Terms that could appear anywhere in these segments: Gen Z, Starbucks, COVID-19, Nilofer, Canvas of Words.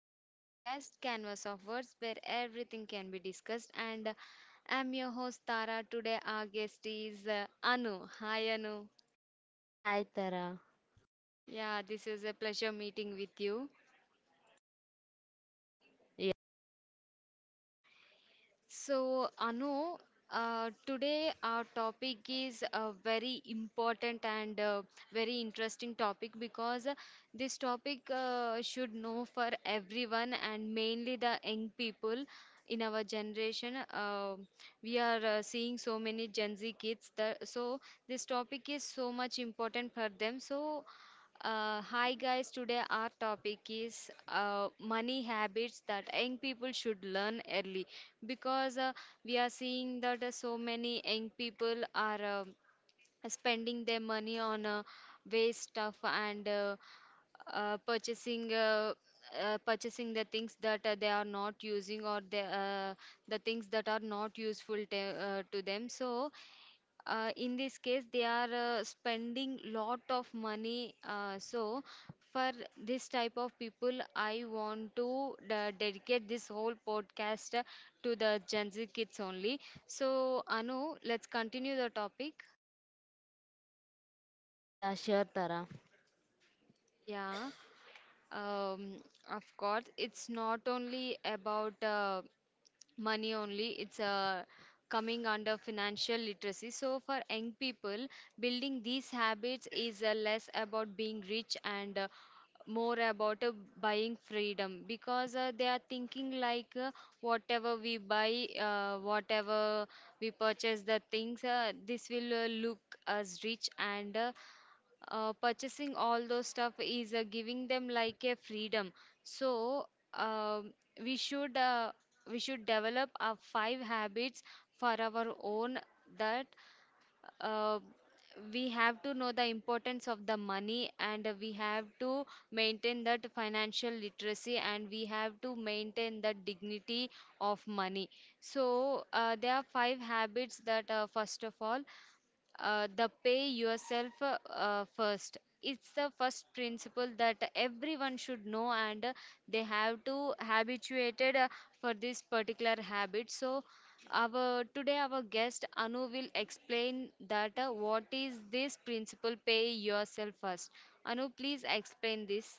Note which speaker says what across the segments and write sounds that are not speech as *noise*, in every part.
Speaker 1: to my podcast, Canvas of Words, where everything can be discussed. And I'm your host, Tara. Today, our guest is Anu. Hi, Anu.
Speaker 2: Hi Tara.
Speaker 1: Yeah, this is a pleasure meeting with you.
Speaker 2: Yeah,
Speaker 1: So, Anu, today our topic is a very important and very interesting topic because this topic should know for everyone and mainly the young people in our generation. We are seeing so many Gen Z kids that so this topic is so much important for them. So, hi guys, today our topic is money habits that young people should learn early because we are seeing that so many young people are spending their money on waste stuff and purchasing purchasing the things that they are not using or the things that are not useful to them, so in this case they are spending lot of money, so for this type of people I want to dedicate this whole podcast to the Gen Z kids only. So Anu, let's continue the topic.
Speaker 2: yeah, sure Tara.
Speaker 1: Yeah. um, of course, it's not only about money only, it's coming under financial literacy. So for young people, building these habits is less about being rich and more about buying freedom, because they are thinking like, whatever we buy, whatever we purchase the things, this will look as rich, and purchasing all those stuff is giving them like a freedom. So um we should, we should develop our five habits for our own, that uh, we have to know the importance of the money, and we have to maintain that financial literacy, and we have to maintain the dignity of money. So there are five habits that first of all, the pay yourself first, it's the first principle that everyone should know, and they have to habituated for this particular habit. So our today, our guest Anu, will explain that, what is this principle, pay yourself first. Anu, please explain this.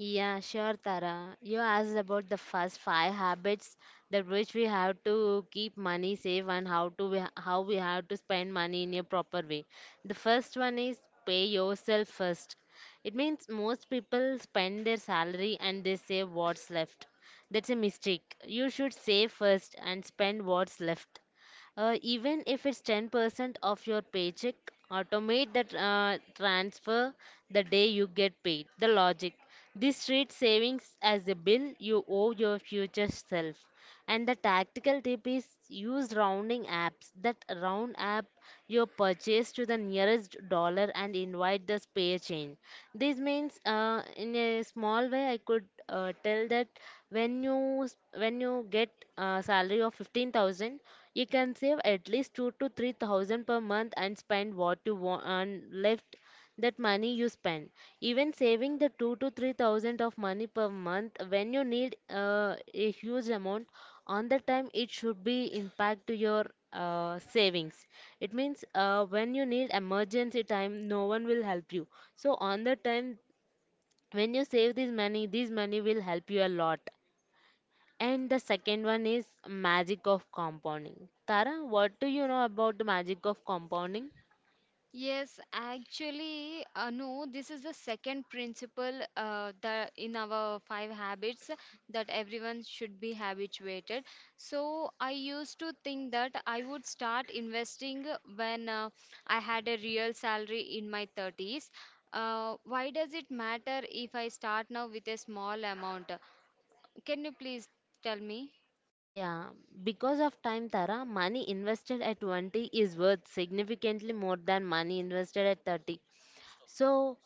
Speaker 2: Yeah, sure Tara. You asked about the first five habits that which we have to keep money safe and how to we, how we have to spend money in a proper way. The first one is pay yourself first. It means most people spend their salary and they save what's left. That's a mistake. You should save first and spend what's left. Even if it's 10% of your paycheck, automate the transfer the day you get paid. The logic. This treats savings as a bill you owe your future self. And the tactical tip is use rounding apps that round up your purchase to the nearest dollar and invite the spare change. This means, in a small way, I could tell that when you s- when you get a salary of 15,000 you can save at least 2 to 3 thousand per month and spend what you want and left that money you spend. Even saving the 2 to 3 thousand of money per month when you need a huge amount on the time it should be impact to your savings. It means when you need emergency time, no one will help you. So on the time when you save this money will help you a lot. And the second one is magic of compounding. Tara, what do you know about the magic of compounding?
Speaker 1: Yes, actually, no, this is the second principle that in our five habits, that everyone should be habituated. So I used to think that I would start investing when I had a real salary in my 30s. Why does it matter if I start now with a small amount? Can you please tell me?
Speaker 2: Yeah, because of time, Tara, money invested at 20 is worth significantly more than money invested at 30. So,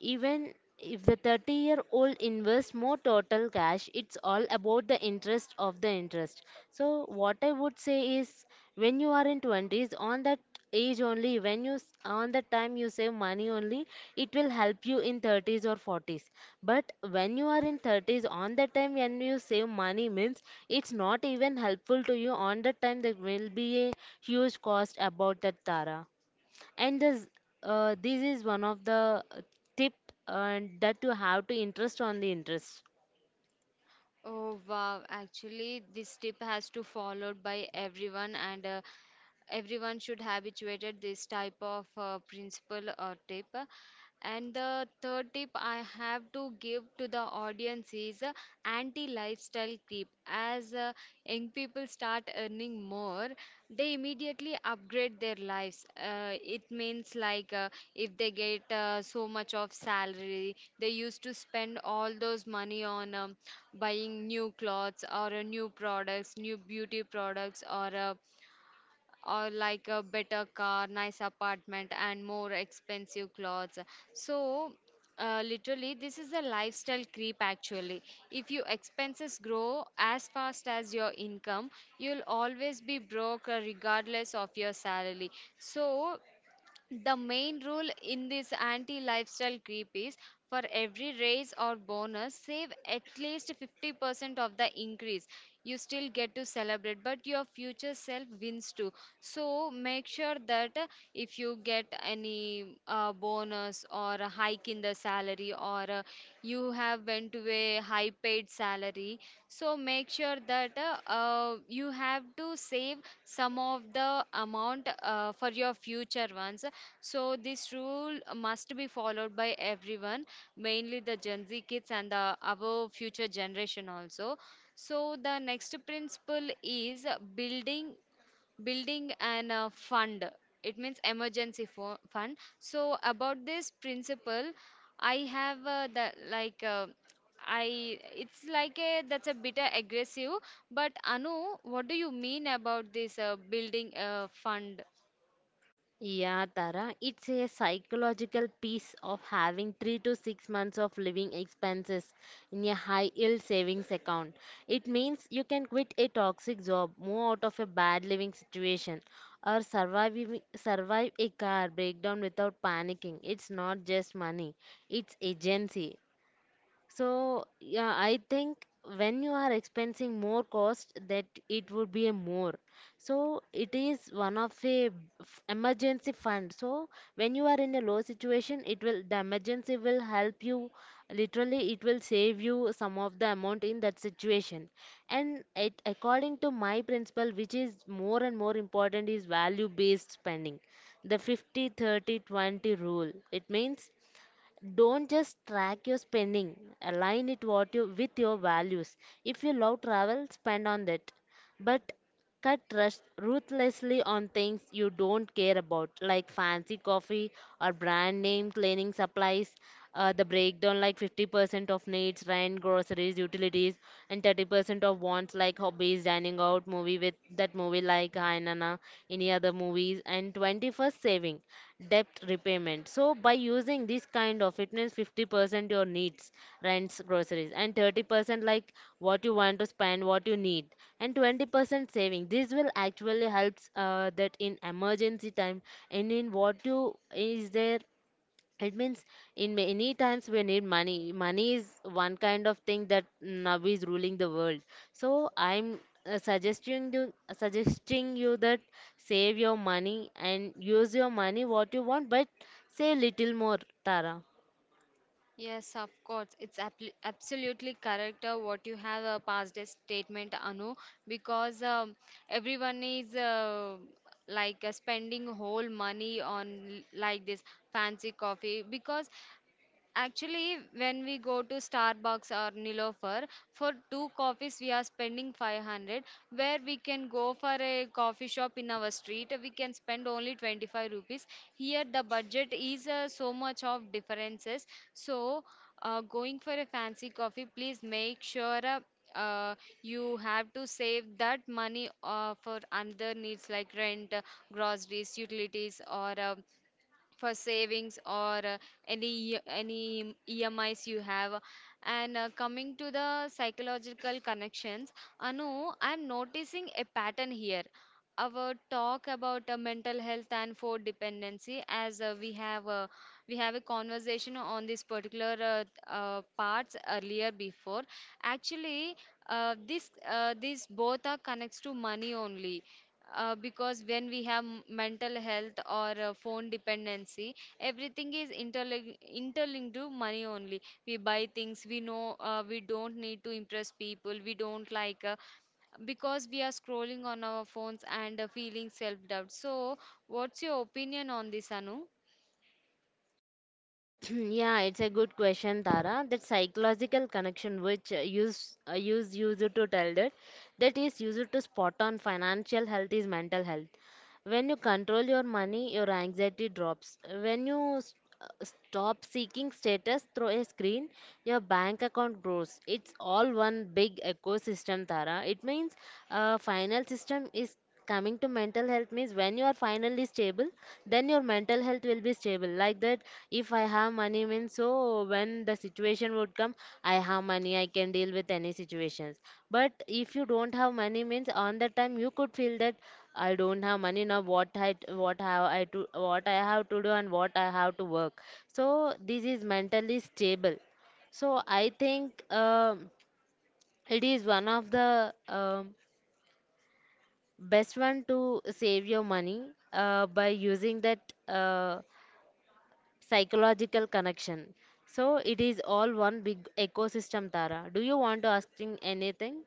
Speaker 2: even if the 30-year-old invests more total cash, it's all about the interest of the interest. So, what I would say is when you are in 20s, on that age only, on the time you save money only, it will help you in 30s or 40s. But when you are in 30s, on the time when you save money means it's not even helpful to you. On the time, there will be a huge cost about that, Tara, and this, this is one of the tip that you have to interest on the interest.
Speaker 1: Oh wow, actually this tip has to followed by everyone, and everyone should habituated this type of principle or tip. And the third tip I have to give to the audience is anti lifestyle creep. As young people start earning more, they immediately upgrade their lives. It means like, if they get so much of salary, they used to spend all those money on buying new clothes, or new products, new beauty products, or or like a better car, nice apartment, and more expensive clothes. So, literally, this is a lifestyle creep actually. If your expenses grow as fast as your income, you'll always be broke, regardless of your salary. So, the main rule in this anti lifestyle creep is, for every raise or bonus, save at least 50% of the increase. You still get to celebrate, but your future self wins too. So make sure that if you get any bonus or a hike in the salary, or you have went to a high paid salary, so make sure that you have to save some of the amount for your future ones. So this rule must be followed by everyone, mainly the Gen Z kids and the our future generation also. So the next principle is building building an fund. It means emergency fund. So about this principle, I have the like. I, it's like a, that's a bit aggressive, but Anu, what do you mean about this building fund?
Speaker 2: Yeah, Tara, it's a psychological piece of having 3 to 6 months of living expenses in a high yield savings account. It means you can quit a toxic job, move out of a bad living situation, or survive, survive a car breakdown without panicking. It's not just money, it's agency. So yeah, I think when you are expensing more cost, that it would be a more. So it is one of a emergency fund. So when you are in a low situation, it will the emergency will help you. Literally, it will save you some of the amount in that situation. And it, according to my principle, which is more and more important, is value-based spending, the 50 30 20 rule. It means don't just track your spending. Align it what you, with your values. If you love travel, spend on that. But cut rush, ruthlessly on things you don't care about, like fancy coffee or brand name cleaning supplies. The breakdown like 50% of needs, rent, groceries, utilities, and 30% of wants like hobbies, dining out, movie with that movie like Hainana, any other movies, and 21st saving, debt repayment. So by using this kind of it means 50% your needs, rents, groceries, and 30% like what you want to spend, what you need, and 20% saving. This will actually helps that in emergency time and in what you is there, it means in many times we need money. Money is one kind of thing that now is ruling the world, so I'm suggesting you suggesting you that save your money and use your money what you want, but say little more, Tara.
Speaker 1: Yes, of course. It's absolutely correct what you have passed as statement, Anu, because everyone is like spending whole money on like this fancy coffee because actually, when we go to Starbucks or Nilofer, for two coffees we are spending 500, where we can go for a coffee shop in our street, we can spend only 25 rupees. Here the budget is so much of differences. So, going for a fancy coffee, please make sure uh, you have to save that money for other needs like rent, groceries, utilities, or for savings, or any EMIs you have. And coming to the psychological connections, Anu, I'm noticing a pattern here. Our talk about mental health and food dependency, as we have a conversation on this particular parts earlier before. Actually, this these both are connects to money only, because when we have mental health or phone dependency, everything is interlinked to money only. We buy things we know, we don't need to impress people we don't like, because we are scrolling on our phones and feeling self doubt. So what's your opinion on this, Anu?
Speaker 2: *clears throat* Yeah, it's a good question, Tara, that psychological connection which user to tell that, that is user to spot on financial health is mental health. When you control your money, your anxiety drops. When you stop seeking status through a screen, your bank account grows. It's all one big ecosystem, Tara. It means final system is coming to mental health means when you are finally stable, then your mental health will be stable like that. If I have money means, so when the situation would come, I have money, I can deal with any situations. But if you don't have money means, on that time you could feel that I don't have money now, what have I to what I have to do and what I have to work. So this is mentally stable. So I think it is one of the best one to save your money by using that psychological connection. So it is all one big ecosystem, Tara. Do you want to ask anything?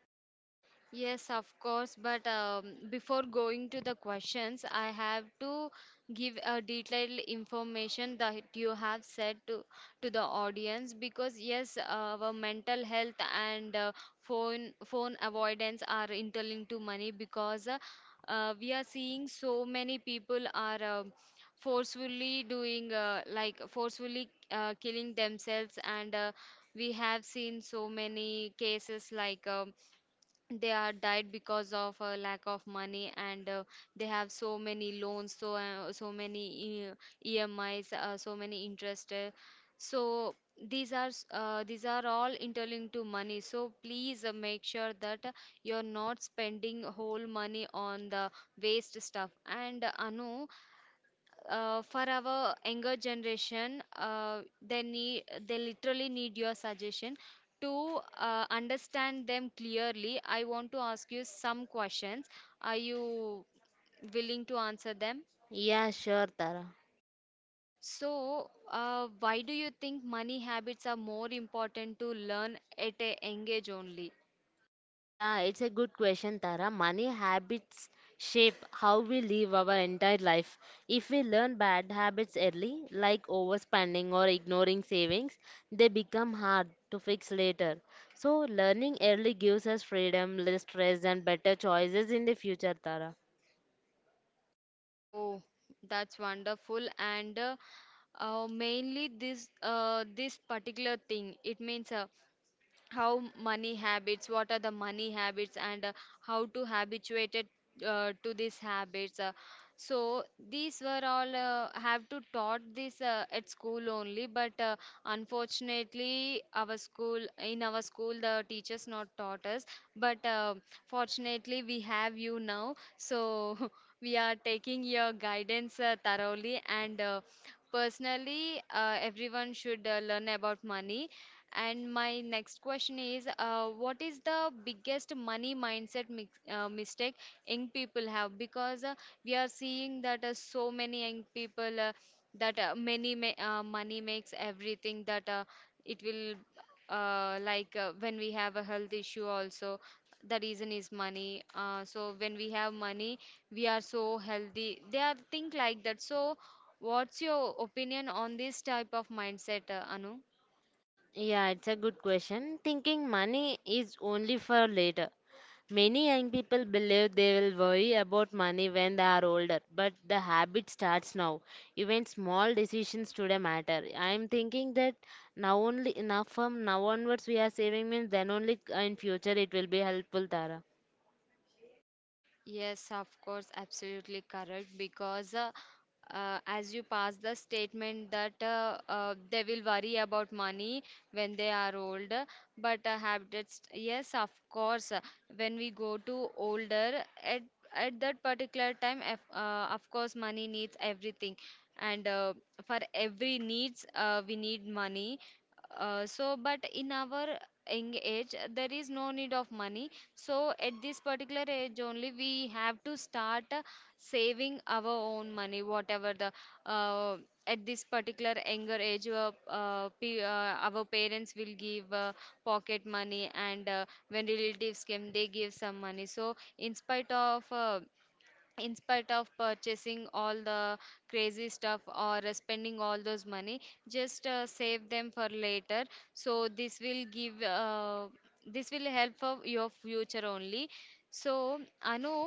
Speaker 1: Yes, of course. But before going to the questions, I have to give a detailed information that you have said to the audience, because yes, our mental health and phone avoidance are interlinked to money, because we are seeing so many people are forcefully doing, like forcefully killing themselves, and we have seen so many cases like. They are died because of lack of money, and they have so many loans, so so many emis, so many interest, so these are all interlinked to money. So please make sure that you're not spending whole money on the waste stuff, and Anu, for our younger generation, they literally need your suggestion to understand them clearly. I want to ask you some questions. Are you willing to answer them?
Speaker 2: Yeah, sure, Tara.
Speaker 1: So, why do you think money habits are more important to learn at a young age only?
Speaker 2: Yeah, it's a good question, Tara. Money habits shape how we live our entire life. If we learn bad habits early, like overspending or ignoring savings, they become hard to fix later. So, learning early gives us freedom, less stress, and better choices in the future, Tara.
Speaker 1: Oh, that's wonderful. And Mainly this this particular thing, it means how money habits, what are the money habits, and how to habituate it, to these habits, so these were all have to taught this at school only, but unfortunately our school in our school the teachers not taught us, but fortunately we have you now, so *laughs* we are taking your guidance thoroughly, and personally everyone should learn about money. And my next question is, what is the biggest money mindset mistake young people have? Because we are seeing that so many young people that many ma money makes everything, that it will like, when we have a health issue also, the reason is money, so when we have money we are so healthy, they are think like that. So what's your opinion on this type of mindset, Anu?
Speaker 2: Yeah, it's a good question. Thinking money is only for later. Many young people believe they will worry about money when they are older, but the habit starts now. Even small decisions today matter. I am thinking that now only enough from now onwards we are saving means, then only in future it will be helpful, Tara.
Speaker 1: Yes, of course, absolutely correct. Because as you pass the statement that, they will worry about money when they are old, but habits, yes, of course, when we go to older, at that particular time, of course, money needs everything, and for every needs, we need money. So, but in our young age, there is no need of money, so at this particular age only, we have to start saving our own money, whatever the uh, at this particular younger age, our parents will give pocket money, and when relatives came, they give some money. So in spite of purchasing all the crazy stuff, or spending all those money, just save them for later. So this will help for your future only. So Anu,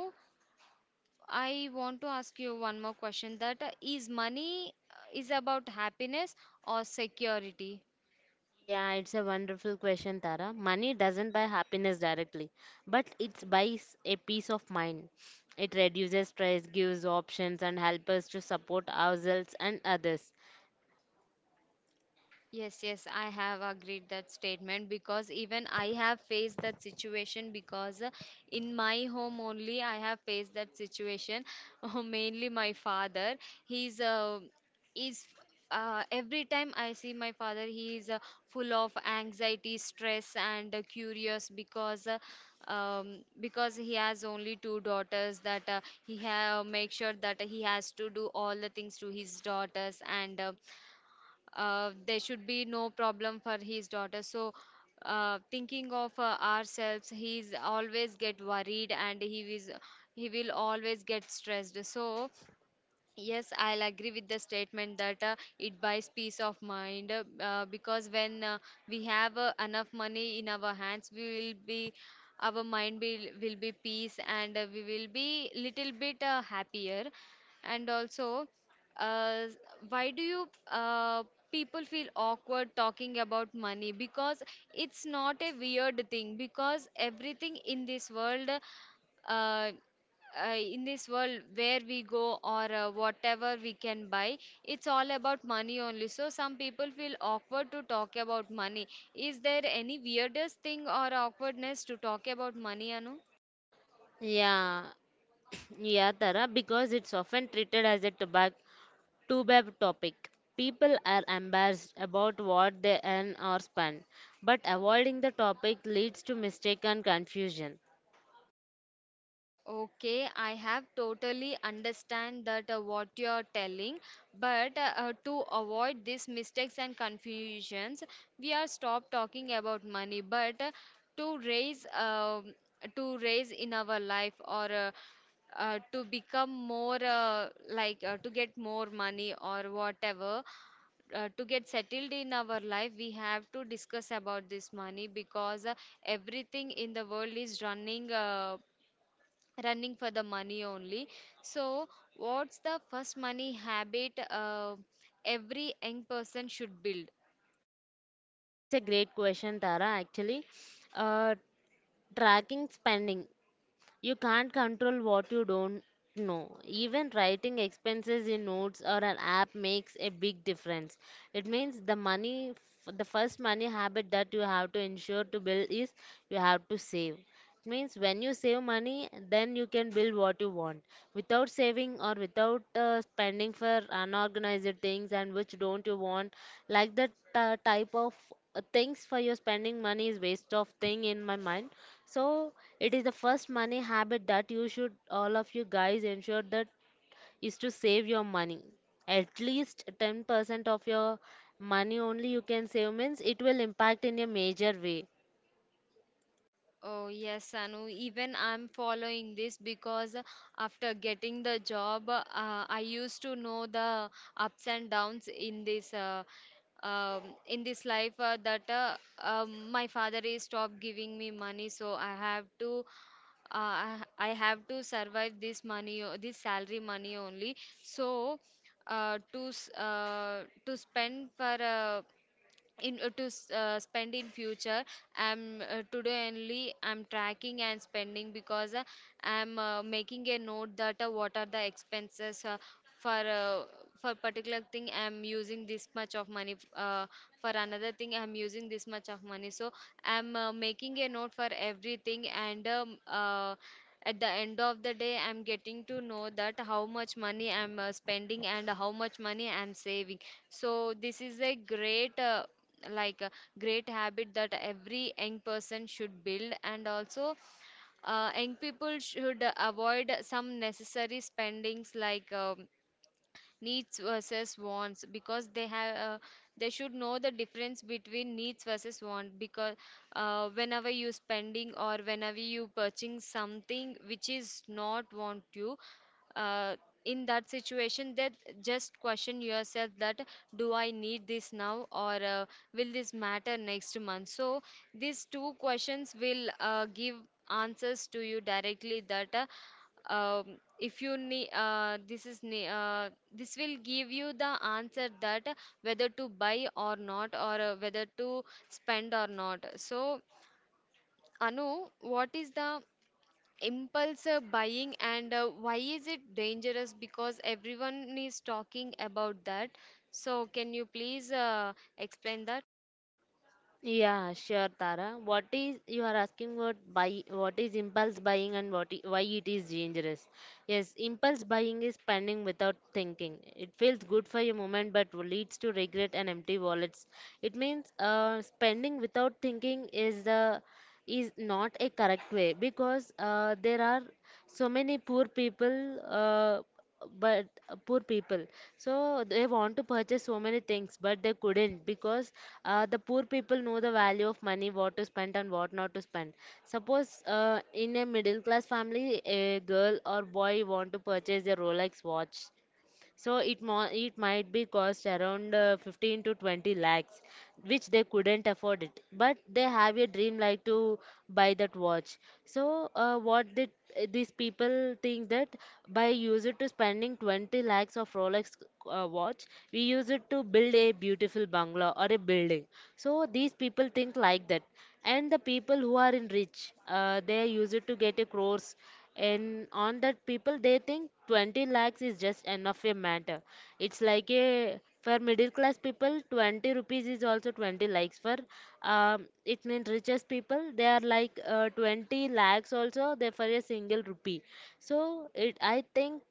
Speaker 1: I want to ask you one more question, that is money is about happiness or security?
Speaker 2: Yeah, it's a wonderful question, Tara. Money doesn't buy happiness directly, but it buys a peace of mind. It reduces stress, gives options, and helps us to support ourselves and others.
Speaker 1: Yes, yes, I have agreed that statement, because even I have faced that situation, because in my home only I have faced that situation. *laughs* Mainly my father, he's is every time I see my father, he is full of anxiety, stress, and curious because he has only two daughters that he have make sure that he has to do all the things to his daughters and there should be no problem for his daughter, so thinking of ourselves, he's always get worried and he is he will always get stressed, so yes, I'll agree with the statement that it buys peace of mind because when we have enough money in our hands, we will be our mind will be peace and we will be little bit happier. And also, uh, why do you people feel awkward talking about money? Because it's not a weird thing, because everything in this uh, world, where we go or whatever we can buy, it's all about money only. So some people feel awkward to talk about money. Is there any weirdest thing or awkwardness to talk about money, anu?
Speaker 2: Yeah, Yeah, Tara, because it's often treated as a tobacco taboo topic. People are embarrassed about what they earn or spend, but avoiding the topic leads to mistake and confusion.
Speaker 1: Okay, I have totally understand that what you are telling, but to avoid these mistakes and confusions, we are stop talking about money, but uh, to raise um to raise in our life, or to become more like to get more money or whatever, to get settled in our life we have to discuss about this money, because everything in the world is running for the money only. So, what's the first money habit every young person should build?
Speaker 2: It's a great question, Tara. Actually, uh, tracking spending. You can't control what you don't know. Even writing expenses in notes or an app makes a big difference. It means the the first money habit that you have to ensure to build is you have to save. It means when you save money, then you can build what you want. Without saving or without spending for unorganized things and which don't you want, like that type of things for your spending money is waste of thing in my mind. So it is the first money habit that you should all of you guys ensure that is to save your money. At least 10% of your money only you can save means it will impact in a major way.
Speaker 1: Oh yes, Anu. Even I'm following this because after getting the job, I used to know the ups and downs in this life that my father is stopped giving me money, so I have to, I have to survive this money, o- this salary money only. So to spend for in to s- spend in future I'm today only I'm tracking and spending, because I'm making a note that what are the expenses for uh, for particular thing I'm using this much of money, for another thing I'm using this much of money, so I'm making a note for everything, and at the end of the day I'm getting to know that how much money I'm spending and how much money I'm saving. So this is a great like a great habit that every young person should build. And also young people should avoid some necessary spendings like needs versus wants, because they have they should know the difference between needs versus want. Because whenever you spending or whenever you purchasing something which is not want you uh, in that situation, that just question yourself that, do I need this now, or will this matter next month? So these two questions will give answers to you directly that um, if you need this is ne- this will give you the answer that whether to buy or not, or whether to spend or not. So anu, what is the impulse buying and why is it dangerous, because everyone is talking about that, so can you please explain that?
Speaker 2: Yeah, sure, Tara. What is you are asking about buy what is impulse buying and why it is dangerous? Yes, impulse buying is spending without thinking. It feels good for a moment but leads to regret and empty wallets. It means spending without thinking is the is not a correct way because there are so many poor people but poor people, so they want to purchase so many things but they couldn't because the poor people know the value of money what to spend and what not to spend. Suppose in a middle class family a girl or boy want to purchase a Rolex watch, so it might be cost around 15 to 20 lakhs, which they couldn't afford it. But they have a dream like to buy that watch. So what did these people think that by use it to spending 20 lakhs of Rolex watch, we use it to build a beautiful bungalow or a building. So these people think like that, and the people who are in rich, they use it to get a crores, and on that people they think 20 lakhs is just enough a matter. It's like a for middle class people 20 rupees is also 20 lakhs for it means richest people they are like 20 lakhs also they for a single rupee. So it, I think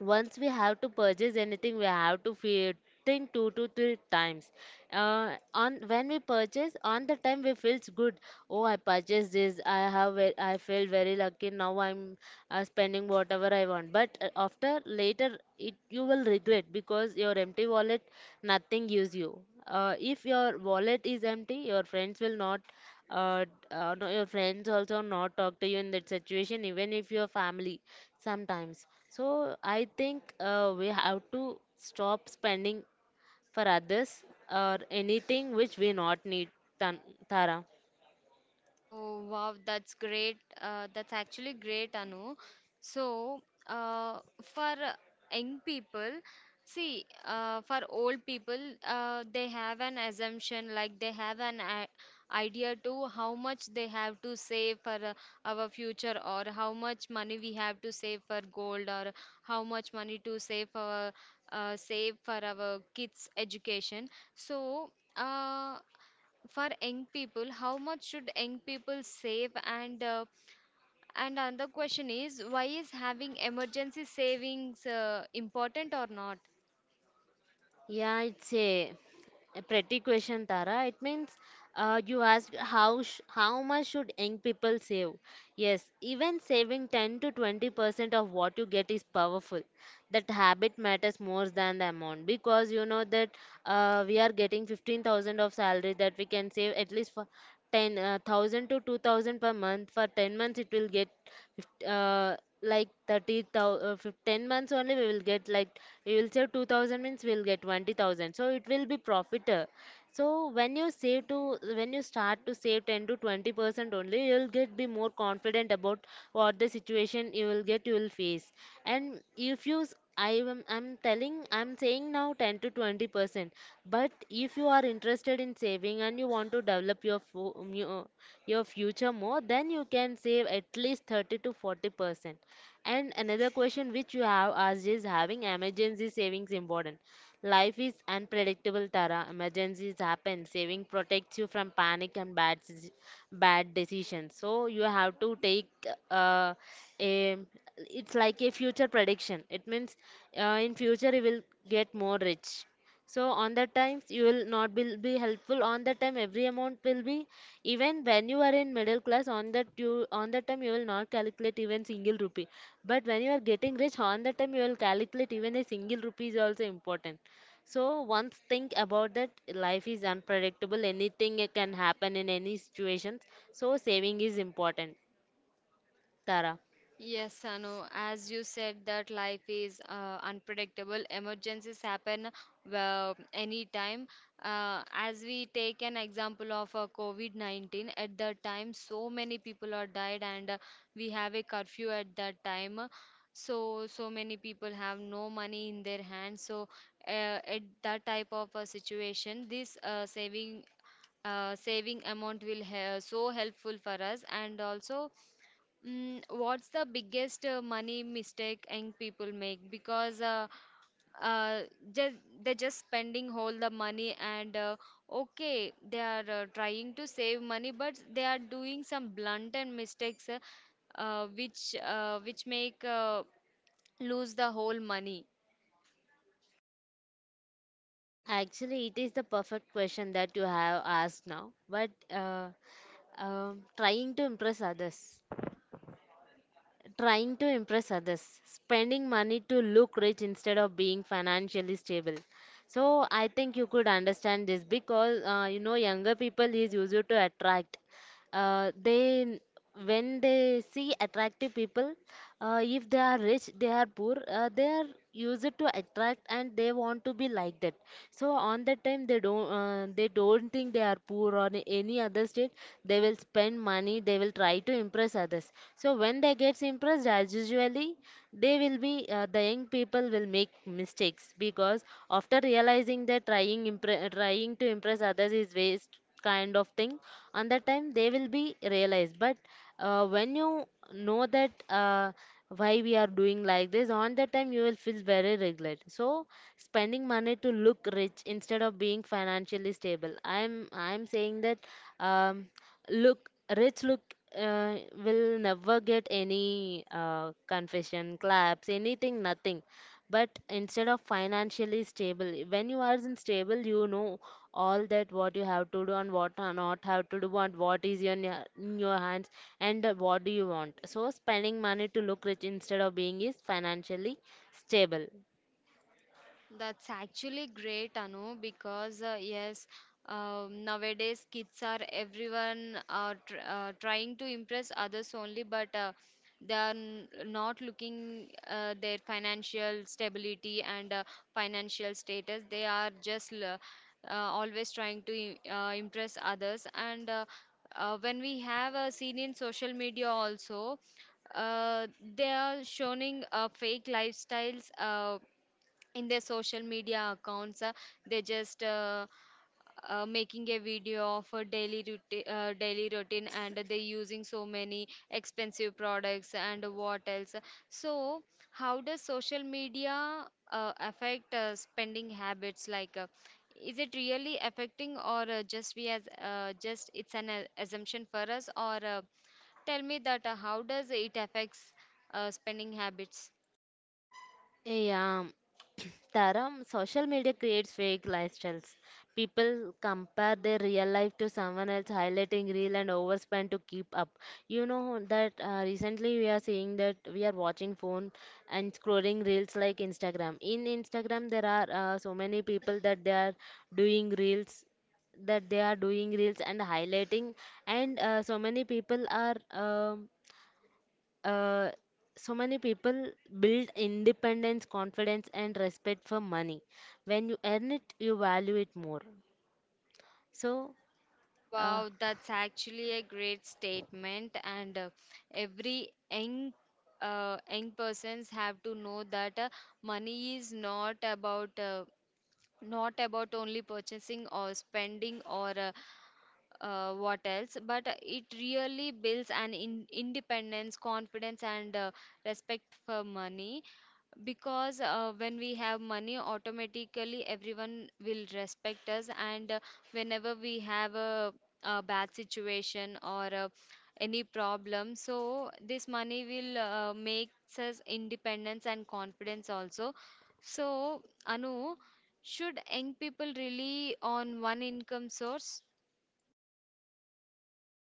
Speaker 2: once we have to purchase anything we have to feel think two to three times. On when we purchase, on the time we feels good. Oh, I purchased this, I feel very lucky. Now I'm spending whatever I want, but after later it, you will regret because your empty wallet nothing gives you. If your wallet is empty, your friends will not uh, no, your friends also not talk to you in that situation, even if your family sometimes. So I think we have to stop spending for others or anything which we not need, Tan- Tara.
Speaker 1: Oh wow, that's great. That's actually great, Anu. So, uh, for young people, see, for old people, they have an assumption, like they have an idea to how much they have to save for our future, or how much money we have to save for gold, or how much money to save for save for our kids' education. So. For young people, how much should young people save, and another question is, why is having emergency savings important or not?
Speaker 2: Yeah, it's a pretty question, Tara. It means you asked how much should young people save? Yes, even saving 10 to 20% of what you get is powerful. That habit matters more than the amount because you know that we are getting 15,000 of salary that we can save at least for 10,000 to 2000 per month. For 10 months it will get fif- uh, like 30,000. 10 months only, we will get like, we will save 2000 means we will get 20,000, so it will be profit. So when you save, try to, when you start to save 10 to 20% only, you'll get be more confident about what the situation you will get, you will face. And if you, s- I am, I'm telling, I'm saying now 10 to 20%. But if you are interested in saving and you want to develop your your future more, then you can save at least 30 to 40%. And another question which you have asked is having emergency savings important. Life is unpredictable, Tara. Emergencies happen. Saving protects you from panic and bad bad decisions. So you have to take uh, a it's like a future prediction. It means in future you will get more rich. So on that times you will not be helpful. On that time every amount will be, even when you are in middle class. On that, you on that time you will not calculate even single rupee. But when you are getting rich, on that time you will calculate even a single rupee is also important. So once think about that life is unpredictable, anything can happen in any situation, so saving is important, Tara.
Speaker 1: Yes, Sanu, as you said that life is unpredictable, emergencies happen well, anytime. As we take an example of COVID-19, at that time so many people are died and we have a curfew at that time. So, so many people have no money in their hands. So, uh, at that type of a situation, this saving saving amount will he so helpful for us. And also, mm, what's the biggest money mistake young people make? Because uh, just, they're just spending all the money, and okay, they are trying to save money, but they are doing some blunt and mistakes which make lose the whole money.
Speaker 2: Actually, it is the perfect question that you have asked now. But trying to impress others, trying to impress others, spending money to look rich instead of being financially stable. So I think you could understand this because you know, younger people is used to attract, uh, they n- when they see attractive people, if they are rich, they are poor, they are used to attract and they want to be like that. So on that time they don't think they are poor or any other state. They will spend money, they will try to impress others. So when they gets impressed as usually, they will be, the young people will make mistakes because after realizing that trying to impress others is waste kind of thing. And that time they will be realized, but when you know that why we are doing like this, on that time you will feel very regret. So spending money to look rich instead of being financially stable, I'm saying that, um, look rich, look, uh, will never get any confession, claps, anything, nothing. But instead of financially stable, when you are in stable, you know all that what you have to do and what are not have to do and what is your in your hands, and what do you want. So spending money to look rich instead of being is financially stable.
Speaker 1: That's actually great, Anu, because yes, nowadays kids are, everyone are tr trying to impress others only, but they are n not looking their financial stability and financial status. They are just always trying to impress others. And when we have seen in social media also, uh, they are showing fake lifestyles. In their social media accounts they just making a video of a daily routine, and they using so many expensive products and what else. So how does social media affect spending habits, like is it really affecting, or just we as just it's an assumption for us, or tell me that how does it affects spending habits?
Speaker 2: Yeah. Taram, *clears throat* social media creates fake lifestyles. People compare their real life to someone else, highlighting real and overspend to keep up. You know that recently we are seeing that we are watching phone and scrolling reels like Instagram. In Instagram, there are so many people that they are doing reels, that they are doing reels and highlighting. And uh, so many people build independence, confidence, and respect for money. When you earn it, you value it more. So, uh,
Speaker 1: Wow, that's actually a great statement. And every young persons have to know that money is not about not about only purchasing or spending, or what else, but it really builds an independence, confidence, and respect for money. Because when we have money, automatically everyone will respect us. And whenever we have a bad situation or any problem, so this money will makes us independence and confidence also. So anu, should young people rely on one income source?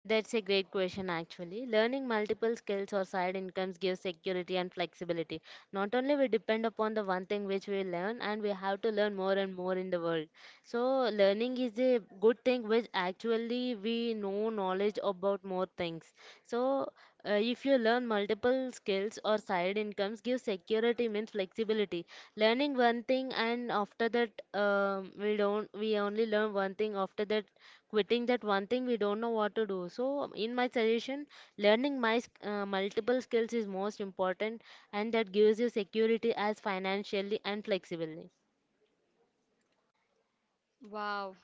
Speaker 2: that's a great question, actually. Learning multiple skills or side incomes gives security and flexibility. Not only we depend upon the one thing which we learn, and we have to learn more and more in the world. So learning is a good thing which actually we know knowledge about more things. So if you learn multiple skills or side incomes, give security means flexibility. Learning one thing, and after that we don't we only learn one thing. After that, quitting that one thing, we don't know what to do. So in my suggestion, learning multiple skills is most important, and that gives you security as financially and flexibly.
Speaker 1: Wow,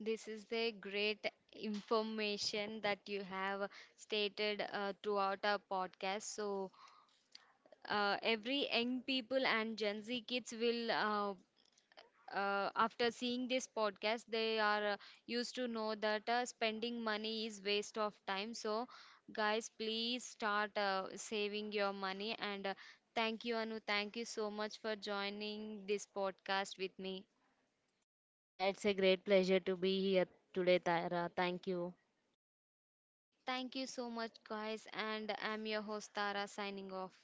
Speaker 1: this is the great information that you have stated throughout our podcast. So, every young people and Gen Z kids will, after seeing this podcast, they are used to know that spending money is waste of time. So, guys, please start saving your money. And thank you, Anu. Thank you so much for joining this podcast with me.
Speaker 2: Yeah, it's a great pleasure to be here today, Tara. Thank you.
Speaker 1: Thank you so much, guys. And I'm your host, Tara, signing off.